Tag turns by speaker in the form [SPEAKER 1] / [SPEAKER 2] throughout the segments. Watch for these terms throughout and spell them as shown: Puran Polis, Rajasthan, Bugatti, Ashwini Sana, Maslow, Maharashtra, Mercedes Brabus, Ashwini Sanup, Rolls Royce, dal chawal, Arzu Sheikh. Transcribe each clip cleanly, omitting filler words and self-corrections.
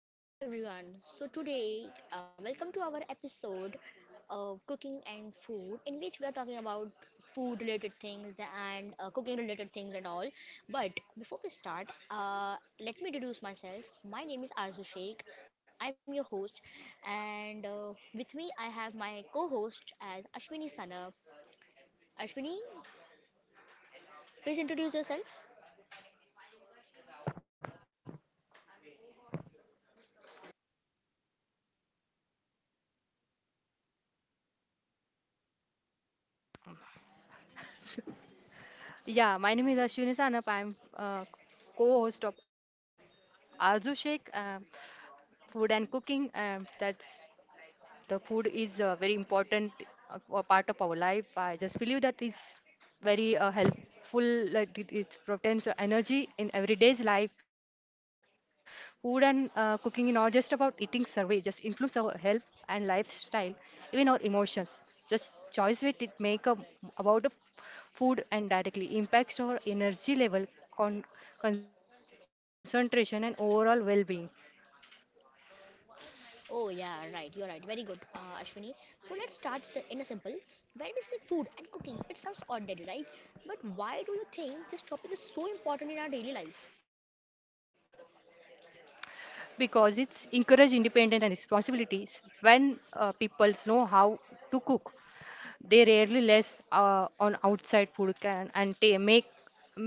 [SPEAKER 1] Hello everyone. So today, welcome to our episode of cooking and food, in which we are talking about food related things and cooking related things and all. But before we start, let me introduce myself. My name is Arzu Sheikh. I'm your host, and with me I have my co-host as Ashwini Sana. Ashwini, please introduce yourself.
[SPEAKER 2] Yeah, my name is Ashwini Sanup. I'm co-host of Arzu Sheikh, Food and Cooking. That's the food is a very important a part of our life. I just believe that it's very helpful. Like it provides energy in everyday's life. Food and cooking is not just about eating survey. Just influence our health and lifestyle, even our emotions. Just choice with it make a, about a food and directly impacts our energy level, con- concentration, and overall well-being.
[SPEAKER 1] Oh, yeah, right. You are right. Very good, Ashwini. So let's in a simple. When we say food and cooking, it sounds ordinary, right? But why do you think this topic is so important in our daily life?
[SPEAKER 2] Because it's encourage independent and responsibilities when people know how to cook they rarely less on outside food can and ta make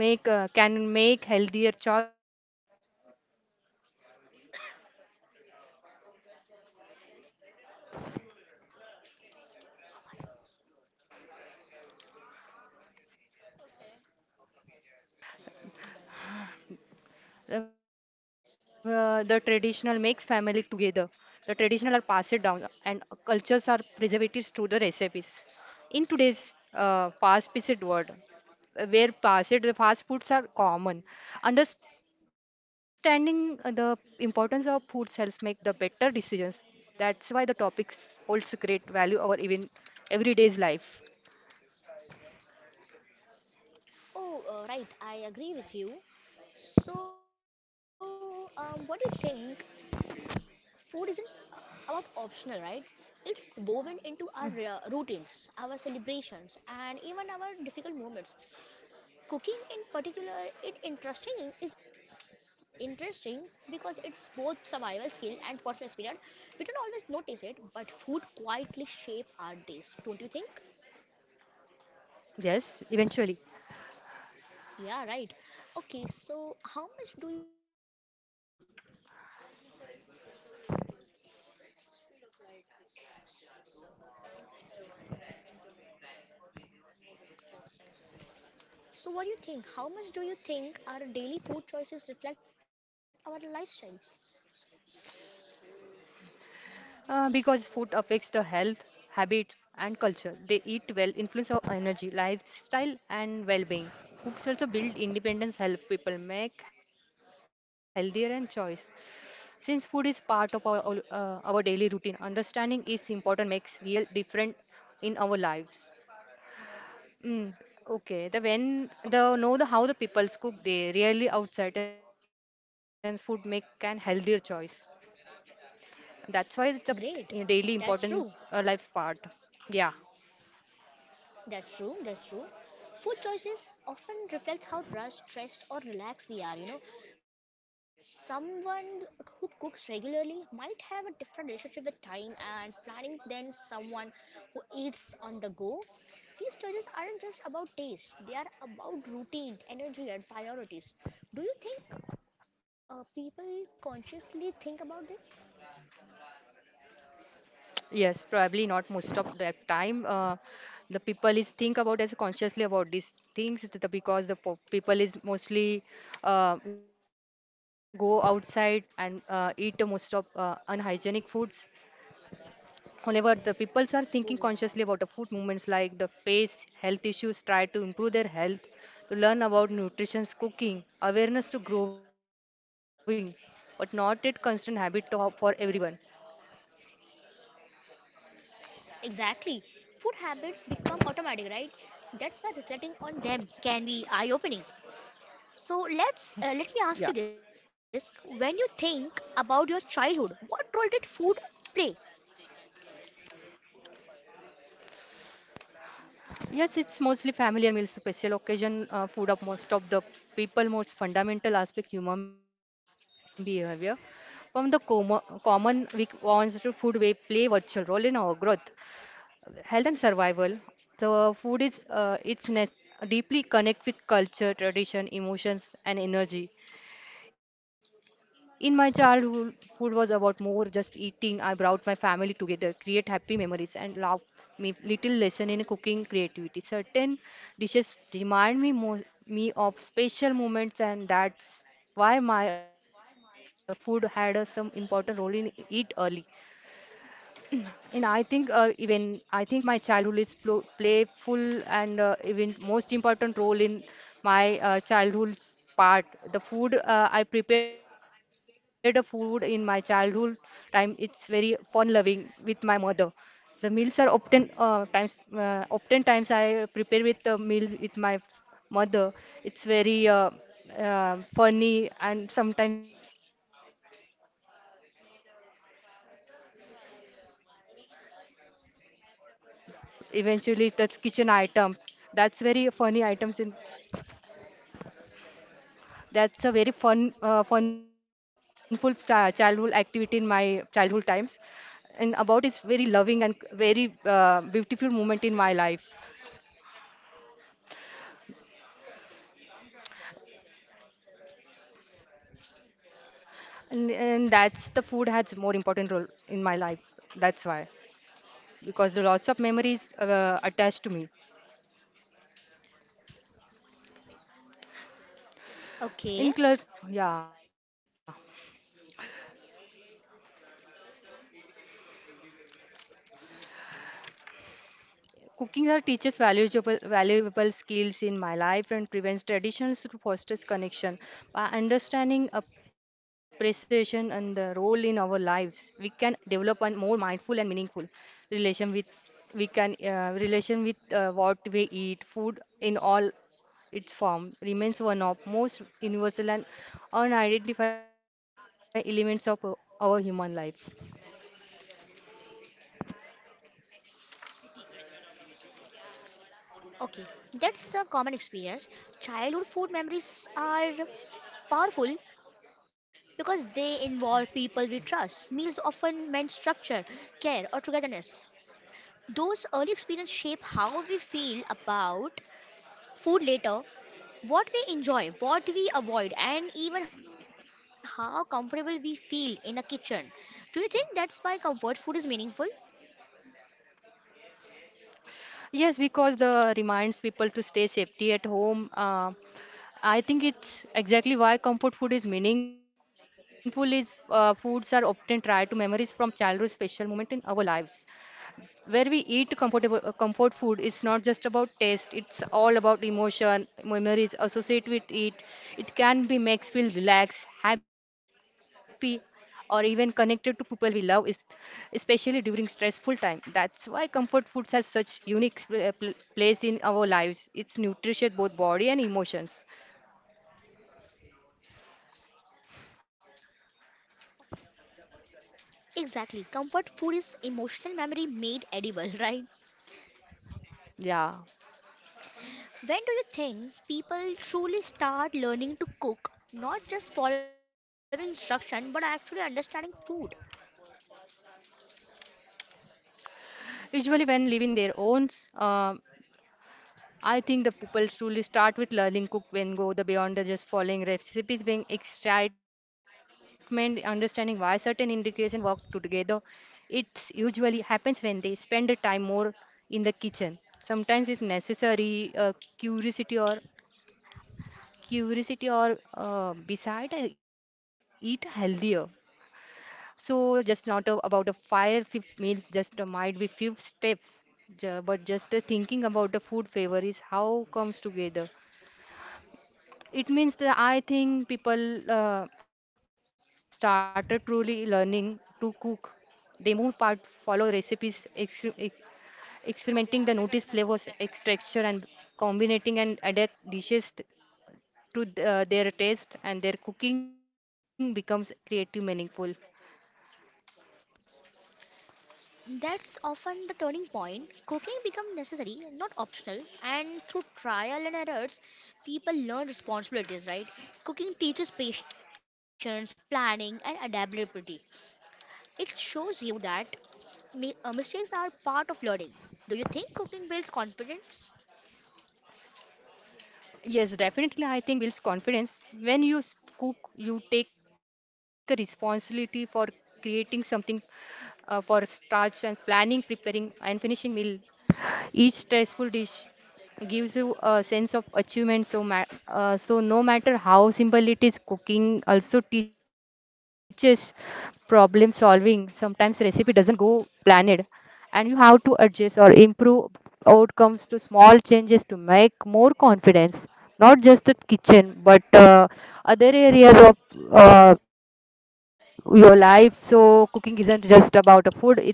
[SPEAKER 2] make uh, can make healthier choice food also brings peoples together families bonds and our meals the traditionals. The traditional makes family together. The traditional are passed down, and cultures are preserved through the recipes. In today's fast-paced world, where passed the fast foods are common, understanding the importance of foods helps make the better decisions. That's why the topics holds great value over even everyday's life.
[SPEAKER 1] Oh, right. I agree with you. So, what do you think? Food isn't about optional, right? It's woven into our routines, our celebrations, and even our difficult moments. Cooking in particular it interesting is interesting because it's both survival skill and personal experience. We don't always notice it, but food quietly shape our days, don't you think?
[SPEAKER 2] Yes, eventually.
[SPEAKER 1] Yeah, right. Okay, so how much do you think our daily I mean choices, reflect our lifestyles? So what do you think? How much do you think our daily food choices reflect our lifestyles?
[SPEAKER 2] Because food affects the health, habit, and culture. They eat well, influence our energy, lifestyle, and well-being. Cooks also build independence, help people make healthier and choice. Since food is part of our our daily routine, understanding is important. Makes real difference in our lives. Mm, okay. The when
[SPEAKER 1] Oh,
[SPEAKER 2] the know the how the people's cook, they really outside and food make an healthier choice. That's why it's a eh,
[SPEAKER 1] great.
[SPEAKER 2] daily
[SPEAKER 1] That's
[SPEAKER 2] important
[SPEAKER 1] true.
[SPEAKER 2] life part. Yeah,
[SPEAKER 1] That's true, that's true. Food choices often reflects how rushed, stressed, or relaxed we are. You know, someone who
[SPEAKER 2] yeah,
[SPEAKER 1] cooks regularly might have a different relationship with time and planning than someone who eats on the go. These choices aren't just about taste, they are about routine, energy, and priorities. Do you think people consciously think about this?
[SPEAKER 2] yes, probably not most of the time. The people is think about this consciously about these things because the po people is mostly go outside and eat most of unhygienic foods. However, the peoples are
[SPEAKER 1] Oh,
[SPEAKER 2] thinking
[SPEAKER 1] yeah.
[SPEAKER 2] consciously about the food movements like the face, health issues, try to improve their health, to learn about nutrition, cooking, awareness to growing, but not a constant habit to, for everyone.
[SPEAKER 1] Exactly. Food habits become automatic, right? That's why reflecting on them can be eye-opening. So let me
[SPEAKER 2] Yeah.
[SPEAKER 1] ask you this: when you think about your childhood, what role did food play?
[SPEAKER 2] Yes, it's mostly familiar meals, special occasion food of most of the people, most fundamental aspect human behavior. From the com common weak wants to food, we play virtual role in our growth. Health and survival. So food is deeply connect with culture, tradition, emotions, and energy. In my childhood, food was about more just eating. I brought my family together, create happy memories, and love me little lesson in cooking creativity. Certain dishes remind me of special moments, and that's why my food had a, some important role in eat early. And I think even I think my childhood is pl playful and even most important role in my childhood's part. The food I prepared a food in my childhood time. It's very fun loving with my mother. The meals are often times often times I prepare with the meal with my mother. It's very funny and sometimes I knead atas. They, I uh, messed up the some eventually that's kitchen items. That's very funny items in that's a very funful childhood activity in my childhood times. And about it's very loving and very beautiful moment in my life. And that's the food has more important role in my life. That's why. Because the lots of memories attached to me.
[SPEAKER 1] Okay,
[SPEAKER 2] In close, yeah. Cooking that teaches valuable skills in my life and prevents traditions to foster connection. By understanding appreciation and the role in our lives, we can develop a more mindful and meaningful relation with we can relation with what we eat. Food in all its form remains one of most universal and unidentified elements of our human life.
[SPEAKER 1] okay, that's a common experience. Childhood food memories are powerful because they involve people we trust. Meals often meant structure, care, or togetherness. Those early experiences shape how we feel about food later, what we enjoy, what we avoid, and even how comfortable we feel in a kitchen. Do you think that's why comfort food is meaningful?
[SPEAKER 2] Yes, because the reminds people to stay safety at home. I think it's exactly why comfort food is meaningful is foods are often tied to memories from childhood special moment in our lives. Where we eat comfort food is not just about taste, it's all about emotion, memories associated with it. It can be makes feel relaxed, happy or even connected to people we love is especially during stressful time. That's why comfort foods has such unique place in our lives. It's nutritious both body and emotions.
[SPEAKER 1] Exactly. Comfort food is emotional memory made edible, right?
[SPEAKER 2] Yeah,
[SPEAKER 1] When do you think people truly start learning to cook? Not just following instruction, but actually understanding food.
[SPEAKER 2] usually when living their own, uh, I think the people truly start with learning cook when go the beyond the just following recipes, being excitement, understanding why certain ingredients work together. It usually happens when they spend the time more in the kitchen. Sometimes it's necessary curiosity or curiosity or beside eat healthier. So just not about the fire few meals, just might be few steps, but just thinking about the food favor is how comes together. It means that I think people started truly learning to cook. They move part, follow recipes, experimenting the notice flavors, texture, and combining and adapt dishes their taste, and their cooking becomes creative, meaningful.
[SPEAKER 1] That's often the turning point. Cooking becomes necessary, not optional, and through trial and errors, people learn responsibilities, right? Cooking teaches patience, planning, and adaptability. It shows you that mistakes are part of learning. Do you think cooking builds confidence?
[SPEAKER 2] Yes, definitely. I think builds confidence. When you cook, you take a responsibility for creating something for starch and planning, preparing, and finishing meal. Each tasteful dish gives you a sense of achievement. So, so no matter how simple it is, cooking also teaches problem solving. Sometimes recipe doesn't go planned, and you have to adjust or improve outcomes to small changes to make more confidence. Not just the kitchen, but other areas of uh, your life. So cooking isn't just about a food; it's all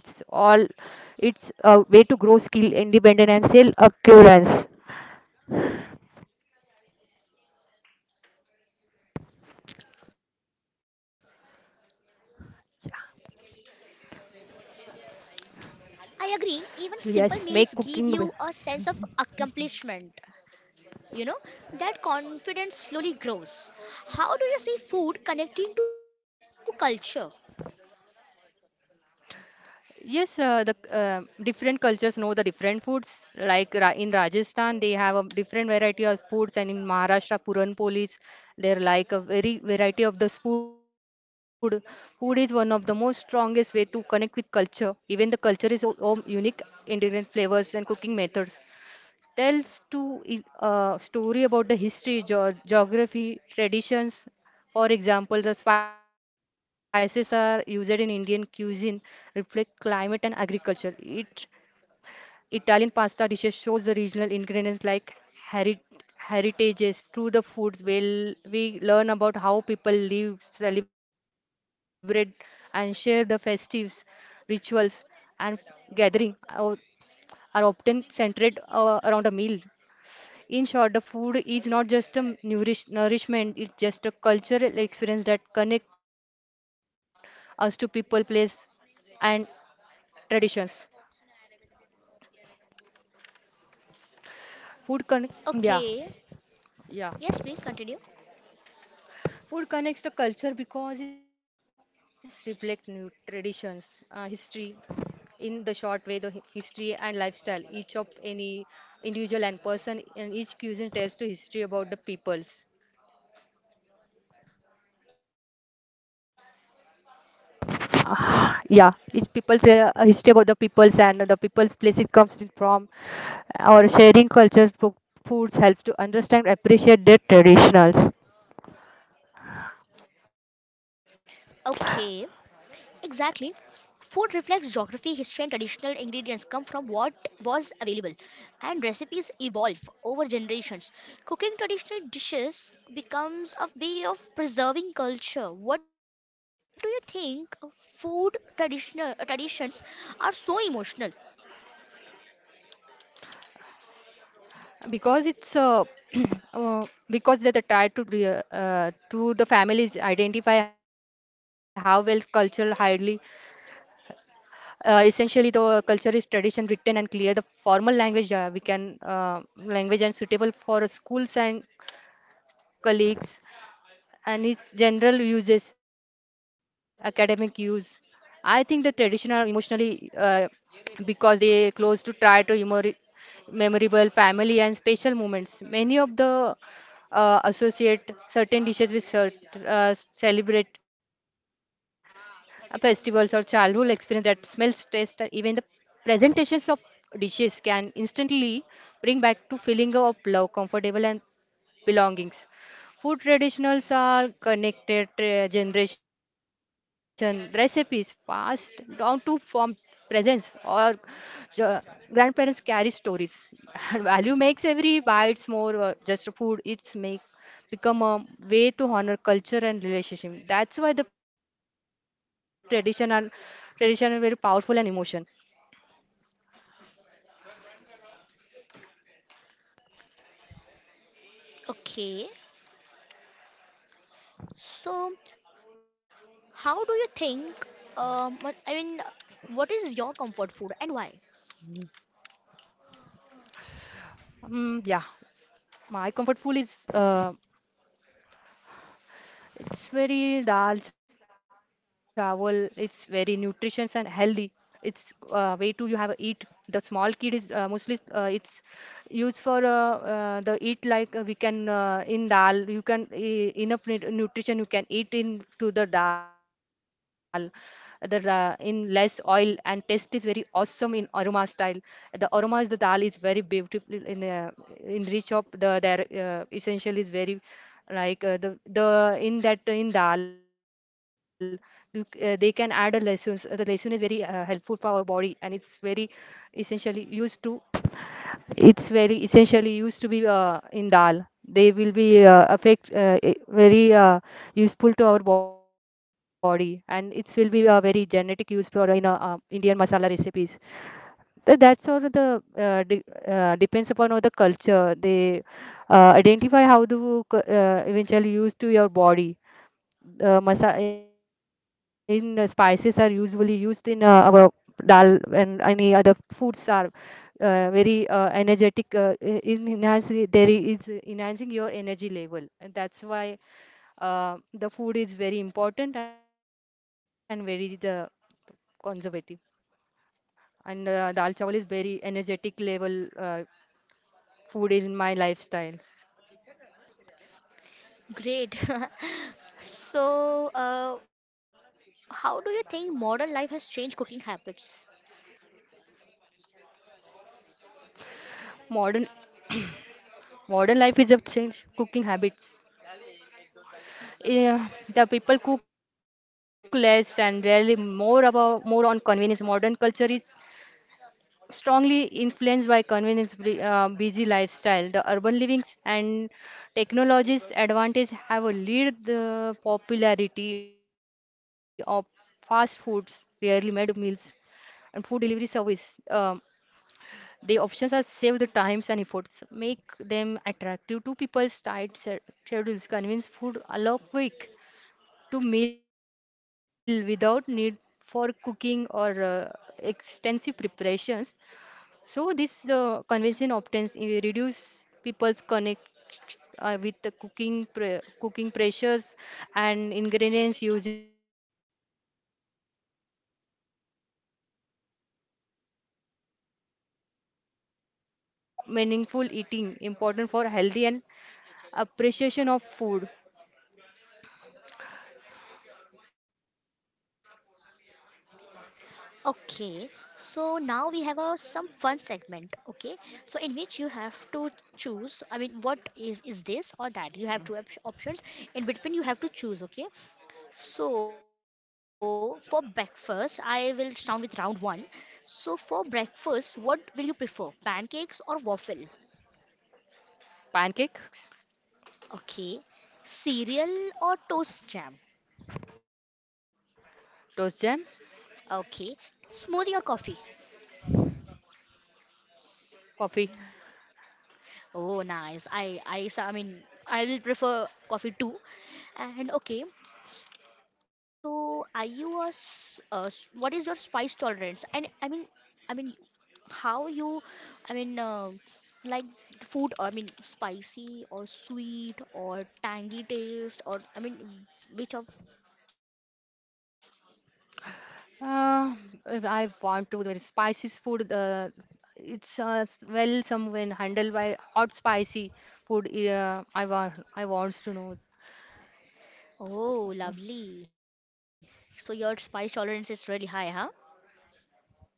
[SPEAKER 2] it's a way to grow skill, independence, and self assurance.
[SPEAKER 1] I agree, even
[SPEAKER 2] So
[SPEAKER 1] simple
[SPEAKER 2] yes,
[SPEAKER 1] meals
[SPEAKER 2] make
[SPEAKER 1] give
[SPEAKER 2] cooking.
[SPEAKER 1] you
[SPEAKER 2] w-
[SPEAKER 1] a sense of accomplishment. You know, that confidence slowly grows. How do you see food connecting to culture?
[SPEAKER 2] Yes, the different cultures know the different foods. Like Ra in Rajasthan, they have a different variety of foods, and in Maharashtra, Puran Polis, they're like a very variety of this food. Food is one of the most strongest way to connect with culture. Even the culture is own unique ingredient flavors and cooking methods. Tells to story about the history, geography, traditions. For example, the spices are used in Indian cuisine reflect climate and agriculture. It Italian pasta dishes shows the regional ingredients like heri- heritages through the foods. Well, we learn about how people live, celebrate, and share the festives, rituals, and gathering. Our are often centered around a meal. In short, the food is not just a nourishment, it's just a cultural experience that connect us to people, place, and traditions. Food connect, yeah,
[SPEAKER 1] Okay.
[SPEAKER 2] yeah.
[SPEAKER 1] Yes, please continue.
[SPEAKER 2] Food connects the culture because it's reflect new traditions, history, in the short way the history and lifestyle each of any individual and person and each cuisine tells the history about the peoples. Yeah, each people's history about the peoples and the people's place it comes in from, or sharing cultures, foods helps to understand, appreciate their traditionals.
[SPEAKER 1] Okay. Exactly. Food reflects geography, history, and traditional ingredients come from what was available, and recipes evolve over generations. Cooking traditional dishes becomes a way of preserving culture. What do you think food traditional traditions are so emotional?
[SPEAKER 2] Because it's uh, because that the tie to the families identify how well cultural highly essentially the culture is tradition written and clear the formal language we can language and suitable for schools and colleagues and its general uses, academic use. I think the traditional are emotionally because they close to try to memorable family and special moments. Many of the associate certain dishes with celebrate festivals or childhood experience that smells, taste, or even the presentations of dishes can instantly bring back to feeling of love, comfortable and belongings. Food traditionals are connected generation recipes passed down to form presents or uh, grandparents carry stories and value makes every bites more just food it's make become a way to honor culture and relationship that's why the traditional tradition is very powerful and emotion.
[SPEAKER 1] Okay. So, how do you think? Um, I mean, what is your comfort food and why?
[SPEAKER 2] Mm, yeah my comfort food is it's very dal chawal. It's very nutritious and healthy. It's way to you have eat. The small kid is mostly it's used for the eat like we can in dal. You can enough nutrition you can eat in to the dal in less oil and taste is very awesome in aroma style. The aroma is the dal is very beautiful in reach of the their essential is very like the in that in dal. They can add a lessons. The lesson is very helpful for our body and it's very essentially used to, it's very essentially used to be in dal. They will be affect I- very useful to our body and it will be a very genetic use for in Indian masala recipes. That's all the uh, de- depends upon all the culture. They identify how to eventually use to your body. Masa in spices are usually used in our dal and any other foods are very energetic in enhancing there is enhancing your energy level, and that's why the food is very important and very the conservative, and dal chawal is very energetic level food is in my lifestyle.
[SPEAKER 1] Great. So, how do you think modern life has changed cooking habits?
[SPEAKER 2] Modern modern life is of change cooking habits. Yeah, the people cook less and rarely more about, more on convenience. Modern culture is strongly influenced by convenience, busy lifestyle. The urban livings and technologies advantage have a lead the popularity of fast foods, rarely made meals, and food delivery service. The options are save the times and efforts, make them attractive to people's tight schedules. Convenience food allow quick to meal without need for cooking or extensive preparations. So this convention often reduce people's connect with the cooking cooking pressures and ingredients usual, while modern food options provide is and variety. Maintain balance between convenience and meaningful eating, important for healthy and appreciation of food.
[SPEAKER 1] Okay, so now we have a some fun segment, okay? So in which you have to choose, I mean, what is this or that? You have two op options. In between, you have to choose, okay? So for breakfast, I will start with round one. So for breakfast, what will you prefer? Pancakes or waffle?
[SPEAKER 2] Pancakes.
[SPEAKER 1] Okay. Cereal or toast jam?
[SPEAKER 2] Toast jam.
[SPEAKER 1] Okay. Smoothie or coffee?
[SPEAKER 2] Coffee.
[SPEAKER 1] Oh, nice. I mean, I will prefer coffee too. And okay, so are you what is your spice tolerance? And I mean, how you, I mean, like food, I mean, spicy or sweet or tangy taste, or I mean, which of kind of food do you like and
[SPEAKER 2] Uh,
[SPEAKER 1] prefer the
[SPEAKER 2] if
[SPEAKER 1] most?
[SPEAKER 2] I want to the very spicy food, well some when handled by hot spicy food. I want, I wants to know. So,
[SPEAKER 1] Oh, lovely. So your spice tolerance is really high, huh?
[SPEAKER 2] yeah.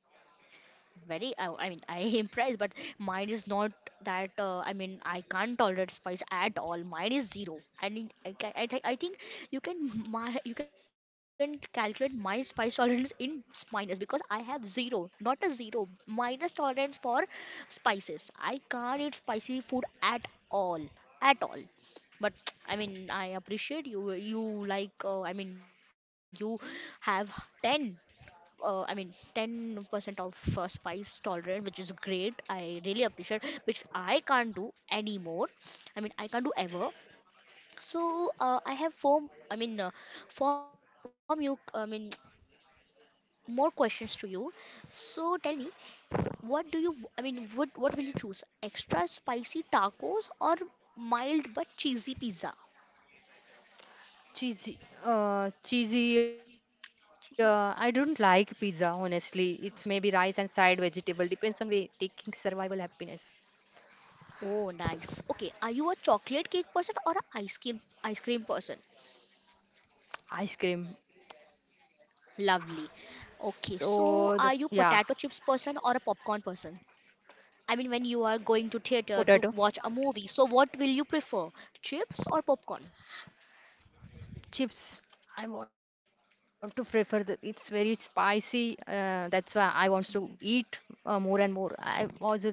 [SPEAKER 1] Very I mean I impressed, but mine is not that, I mean I can't tolerate spice at all. Mine is zero. I mean, I think you can my you can calculate my spice tolerance in minus because I have zero not a zero minus tolerance for spices. I can't eat spicy food at all at all. But I mean I appreciate you. You like, I mean, you have 10 I mean, 10% of spice tolerant, which is great. I really appreciate, which I can't do anymore. I mean, I can't do ever. So I have I mean, I mean, more questions to you. So tell me, what do you, I mean, what will you choose? Extra spicy tacos or mild but cheesy pizza?
[SPEAKER 2] Cheesy. Cheesy. I don't like pizza honestly. It's maybe rice and side vegetable. Depends on way taking survival happiness.
[SPEAKER 1] Oh, nice. Okay, are you a chocolate cake person or a ice cream person?
[SPEAKER 2] Ice cream.
[SPEAKER 1] Lovely. Okay,
[SPEAKER 2] So the,
[SPEAKER 1] so
[SPEAKER 2] yeah.
[SPEAKER 1] are you potato chips person or a popcorn person? I mean, when you are going to
[SPEAKER 2] Potato.
[SPEAKER 1] theater to watch a movie, so what will you prefer, chips or popcorn?
[SPEAKER 2] Chips. I want to prefer the. It's very spicy. That's why I want to eat more and more. I was.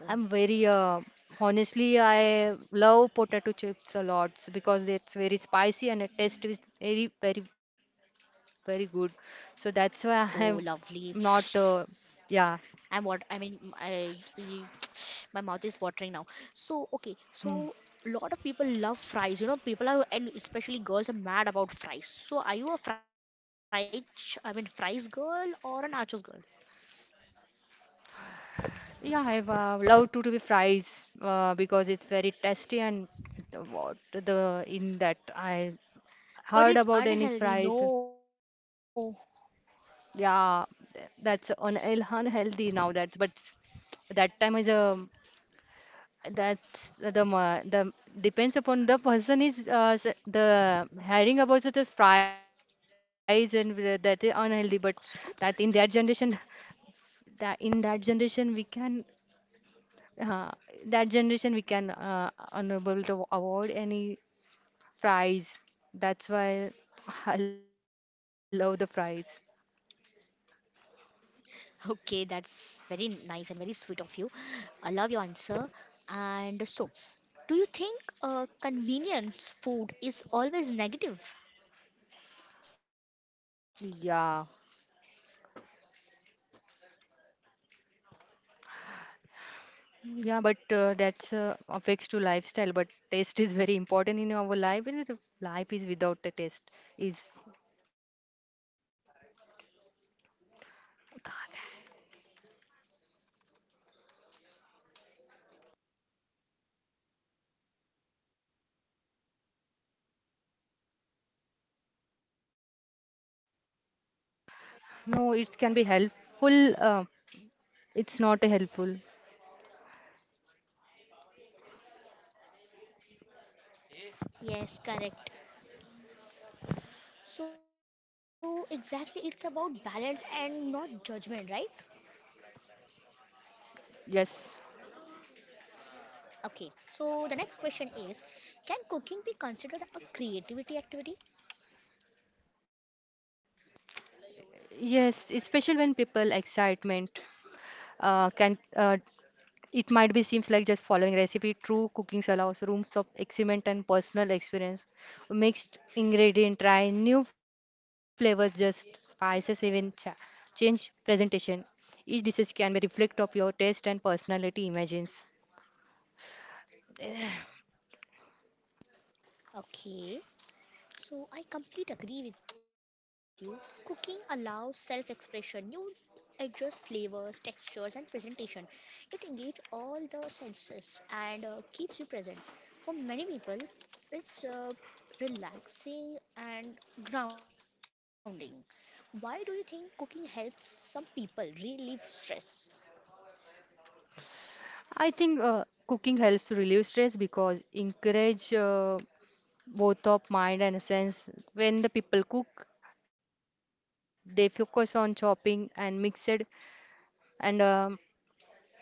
[SPEAKER 1] Oh,
[SPEAKER 2] very. Honestly, I love potato chips a lot because it's very spicy and the taste is very, very, very good. So that's why I have
[SPEAKER 1] oh,
[SPEAKER 2] not.
[SPEAKER 1] lovely.
[SPEAKER 2] Yeah.
[SPEAKER 1] I'm what I mean, my mouth is watering now. So okay,
[SPEAKER 2] Hmm.
[SPEAKER 1] so a lot of people love fries. You know, people are and especially girls are mad about fries. So are you I mean, fries girl or a nachos girl?
[SPEAKER 2] Yeah, I love to do the fries because it's very tasty, and the what the in that I
[SPEAKER 1] But
[SPEAKER 2] heard
[SPEAKER 1] it's
[SPEAKER 2] about Danish
[SPEAKER 1] unhealthy.
[SPEAKER 2] fries.
[SPEAKER 1] No,
[SPEAKER 2] Yeah, that's un unhealthy now. That's but that time is, um, that's the depends upon the person is, the hearing about the fries and that is unhealthy. But
[SPEAKER 1] slow bowl.
[SPEAKER 2] that in that generation, that in that generation we can, uh, that generation we can unable to avoid any fries. That's why I love the fries.
[SPEAKER 1] Okay, that's very nice and very sweet of you. I love your answer. And so, do you think convenience food is always negative?
[SPEAKER 2] Yeah. Mm, yeah, but that's affects to lifestyle. But taste is very important in our life. And if life is without the taste is no. It can be helpful. It's not a helpful.
[SPEAKER 1] Yes, correct. So, exactly, it's about balance and not judgment, right?
[SPEAKER 2] Yes.
[SPEAKER 1] Okay, so the next question is: can cooking be considered a creativity activity?
[SPEAKER 2] Yes, especially when people excitement can it might be seems like just following recipe. True cooking allows rooms of experiment and personal experience. Mixed ingredient, try new flavors, just spices, even change presentation. Each dish can be reflect of your taste and personality. Imagines.
[SPEAKER 1] Okay, so I completely agree with you. Cooking allows self-expression. You adjust flavors, textures, and presentation. It engages all the senses and keeps you present. For many people, it's relaxing and grounding. Why do you think cooking helps some people relieve stress?
[SPEAKER 2] I think cooking helps to relieve stress because encourage both of mind and sense. When the people cook, they focus on chopping and mixed and, um,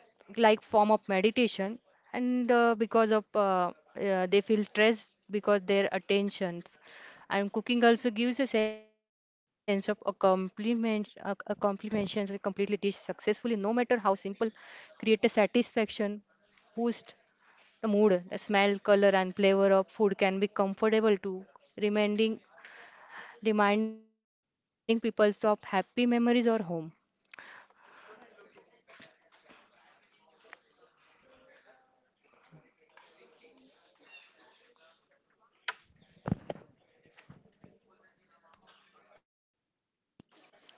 [SPEAKER 2] like form of meditation, and because of they feel stressed because their attentions. And cooking also gives a sense of accomplishment, accomplishments a completely dish successfully, no matter how simple, create a satisfaction boost the mood. The smell, color, and flavor of food can be comfortable too, reminding, reminding people of happy memories or home.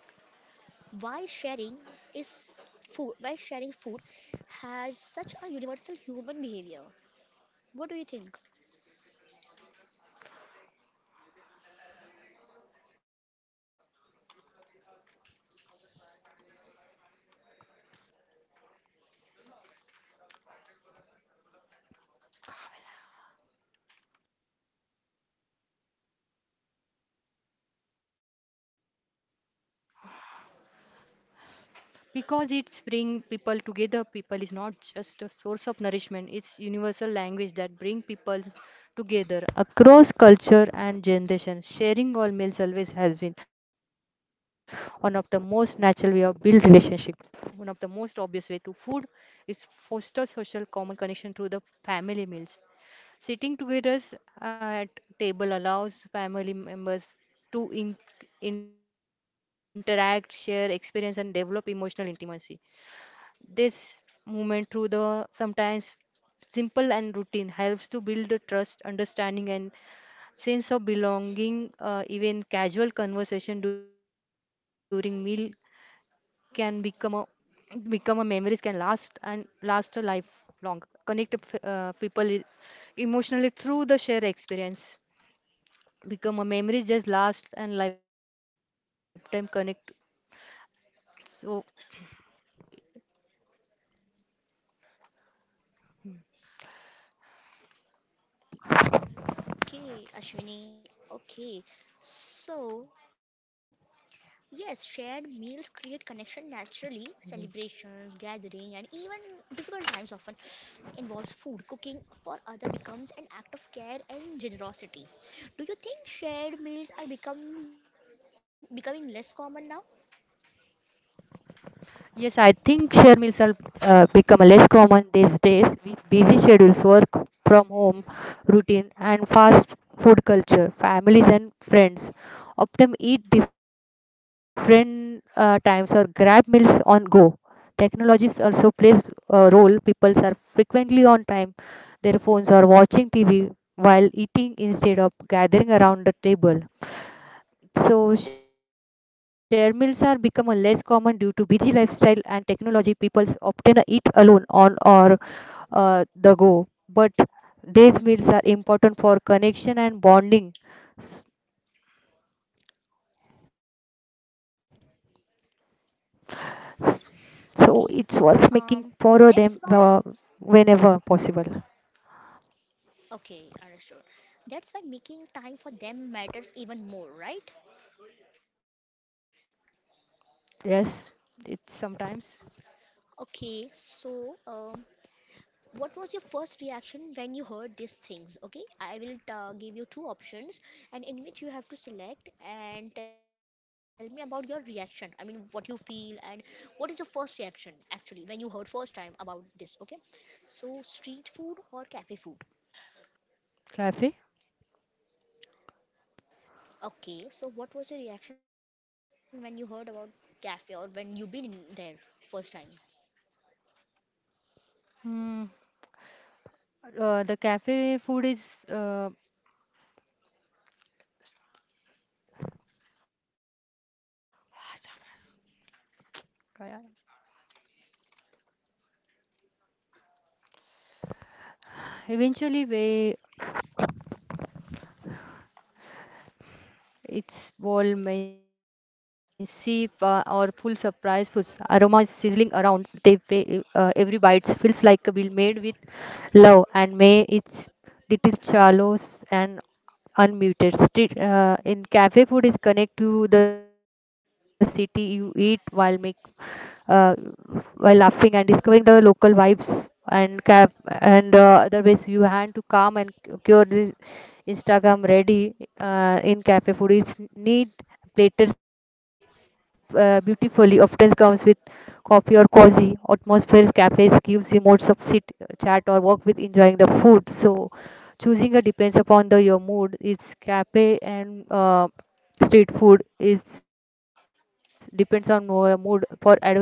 [SPEAKER 1] Why sharing is food? Why sharing food has such a universal human behavior? What do you think?
[SPEAKER 2] Because it's bring people together. People is not just a source of nourishment, it's universal language that bring people together across culture and generation. Sharing all meals always has been one of the most natural way of build relationships. One of the most obvious way to food is foster social common connection through the family meals. Sitting together at table allows family members to interact, share experience, and develop emotional intimacy. This movement through the sometimes simple and routine helps to build the trust, understanding, and sense of belonging. Even casual conversation during meal can become a, become a memories can last and last a lifelong connect, people, emotionally through the shared experience, become a memories just last and lifetime connect. So,
[SPEAKER 1] Okay, Ashwini. Okay. So, yes, shared meals create connection naturally. Celebrations, gathering, and even difficult times often involves food. Cooking for other becomes an act of care and generosity. Do you think shared meals are become becoming less common now?
[SPEAKER 2] yes, I think share meals are become a less common these days with busy schedules, work from home routine, and fast food culture. Families and friends often eat different times or grab meals on go. Technologies also plays a role. People are frequently on time, their phones or watching TV while eating instead of gathering around the table. So share meals are become a less common due to busy lifestyle and technology. People often eat alone on or the go, but these meals are important for connection and bonding. S- s- So
[SPEAKER 1] Okay.
[SPEAKER 2] it's worth making
[SPEAKER 1] Um,
[SPEAKER 2] for
[SPEAKER 1] that's
[SPEAKER 2] them
[SPEAKER 1] why.
[SPEAKER 2] whenever possible.
[SPEAKER 1] Okay, understood. That's why making time for them matters even more, right?
[SPEAKER 2] Yes, it's sometimes.
[SPEAKER 1] Okay, so what was your first reaction when you heard these things? Okay, I will give you two options, and in which you have to select and tell me about your reaction. I mean, what you feel and what is your first reaction actually when you heard first time about this. Okay, so street food or cafe food?
[SPEAKER 2] Cafe.
[SPEAKER 1] Okay, so what was your reaction when you heard about cafe or when you been in there first time?
[SPEAKER 2] Hmm. The cafe food is, kaya- eventually way. It's bold, messy, or full surprise foods. Aroma is sizzling around. Every bite feels like a meal made with love, and may its little chalos and unmuted. Street, in cafe food is connect to the city. You eat while make, uh, while laughing and discovering the local vibes, and cap and other ways you hand to calm and cure this Instagram ready. In cafe food, it's neat, plated beautifully, often comes with coffee or cozy atmosphere. Cafes gives you modes of sit, chat, or walk with enjoying the food. So choosing a depends upon the your mood, it's cafe, and street food is depends on mood. For adventures, new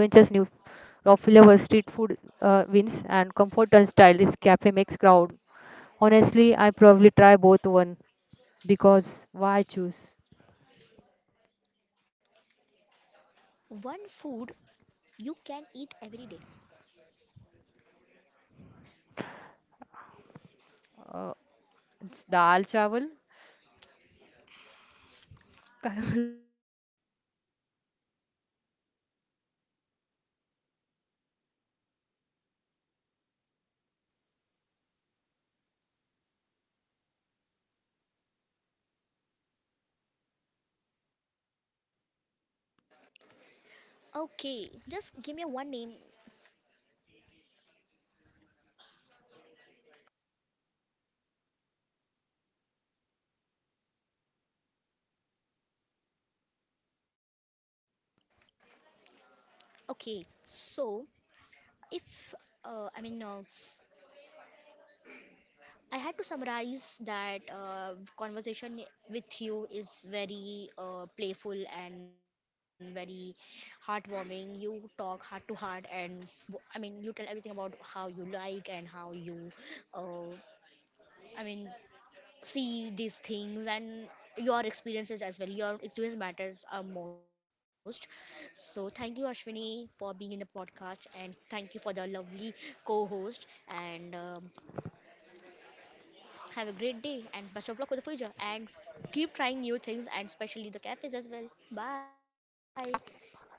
[SPEAKER 2] raw flavor street food wins, and comfort and style is cafe makes crowd. Honestly, I probably try both one because why choose?
[SPEAKER 1] One food you can eat every day.
[SPEAKER 2] Uh, it's dal chawal. काय
[SPEAKER 1] Okay, just give me one name. Okay, so if, I mean, I had to summarize that, conversation with you is very playful and very heartwarming. You talk heart to heart, and I mean, you tell everything about how you like and how you, uh, I mean, see these things and your experiences as well. Your experience matters most. So thank you, Ashwini, for being in the podcast, and thank you for the lovely co-host. And have a great day, and best of luck for the future. And keep trying new things, and especially the cafes as well. Bye.
[SPEAKER 2] बोलू?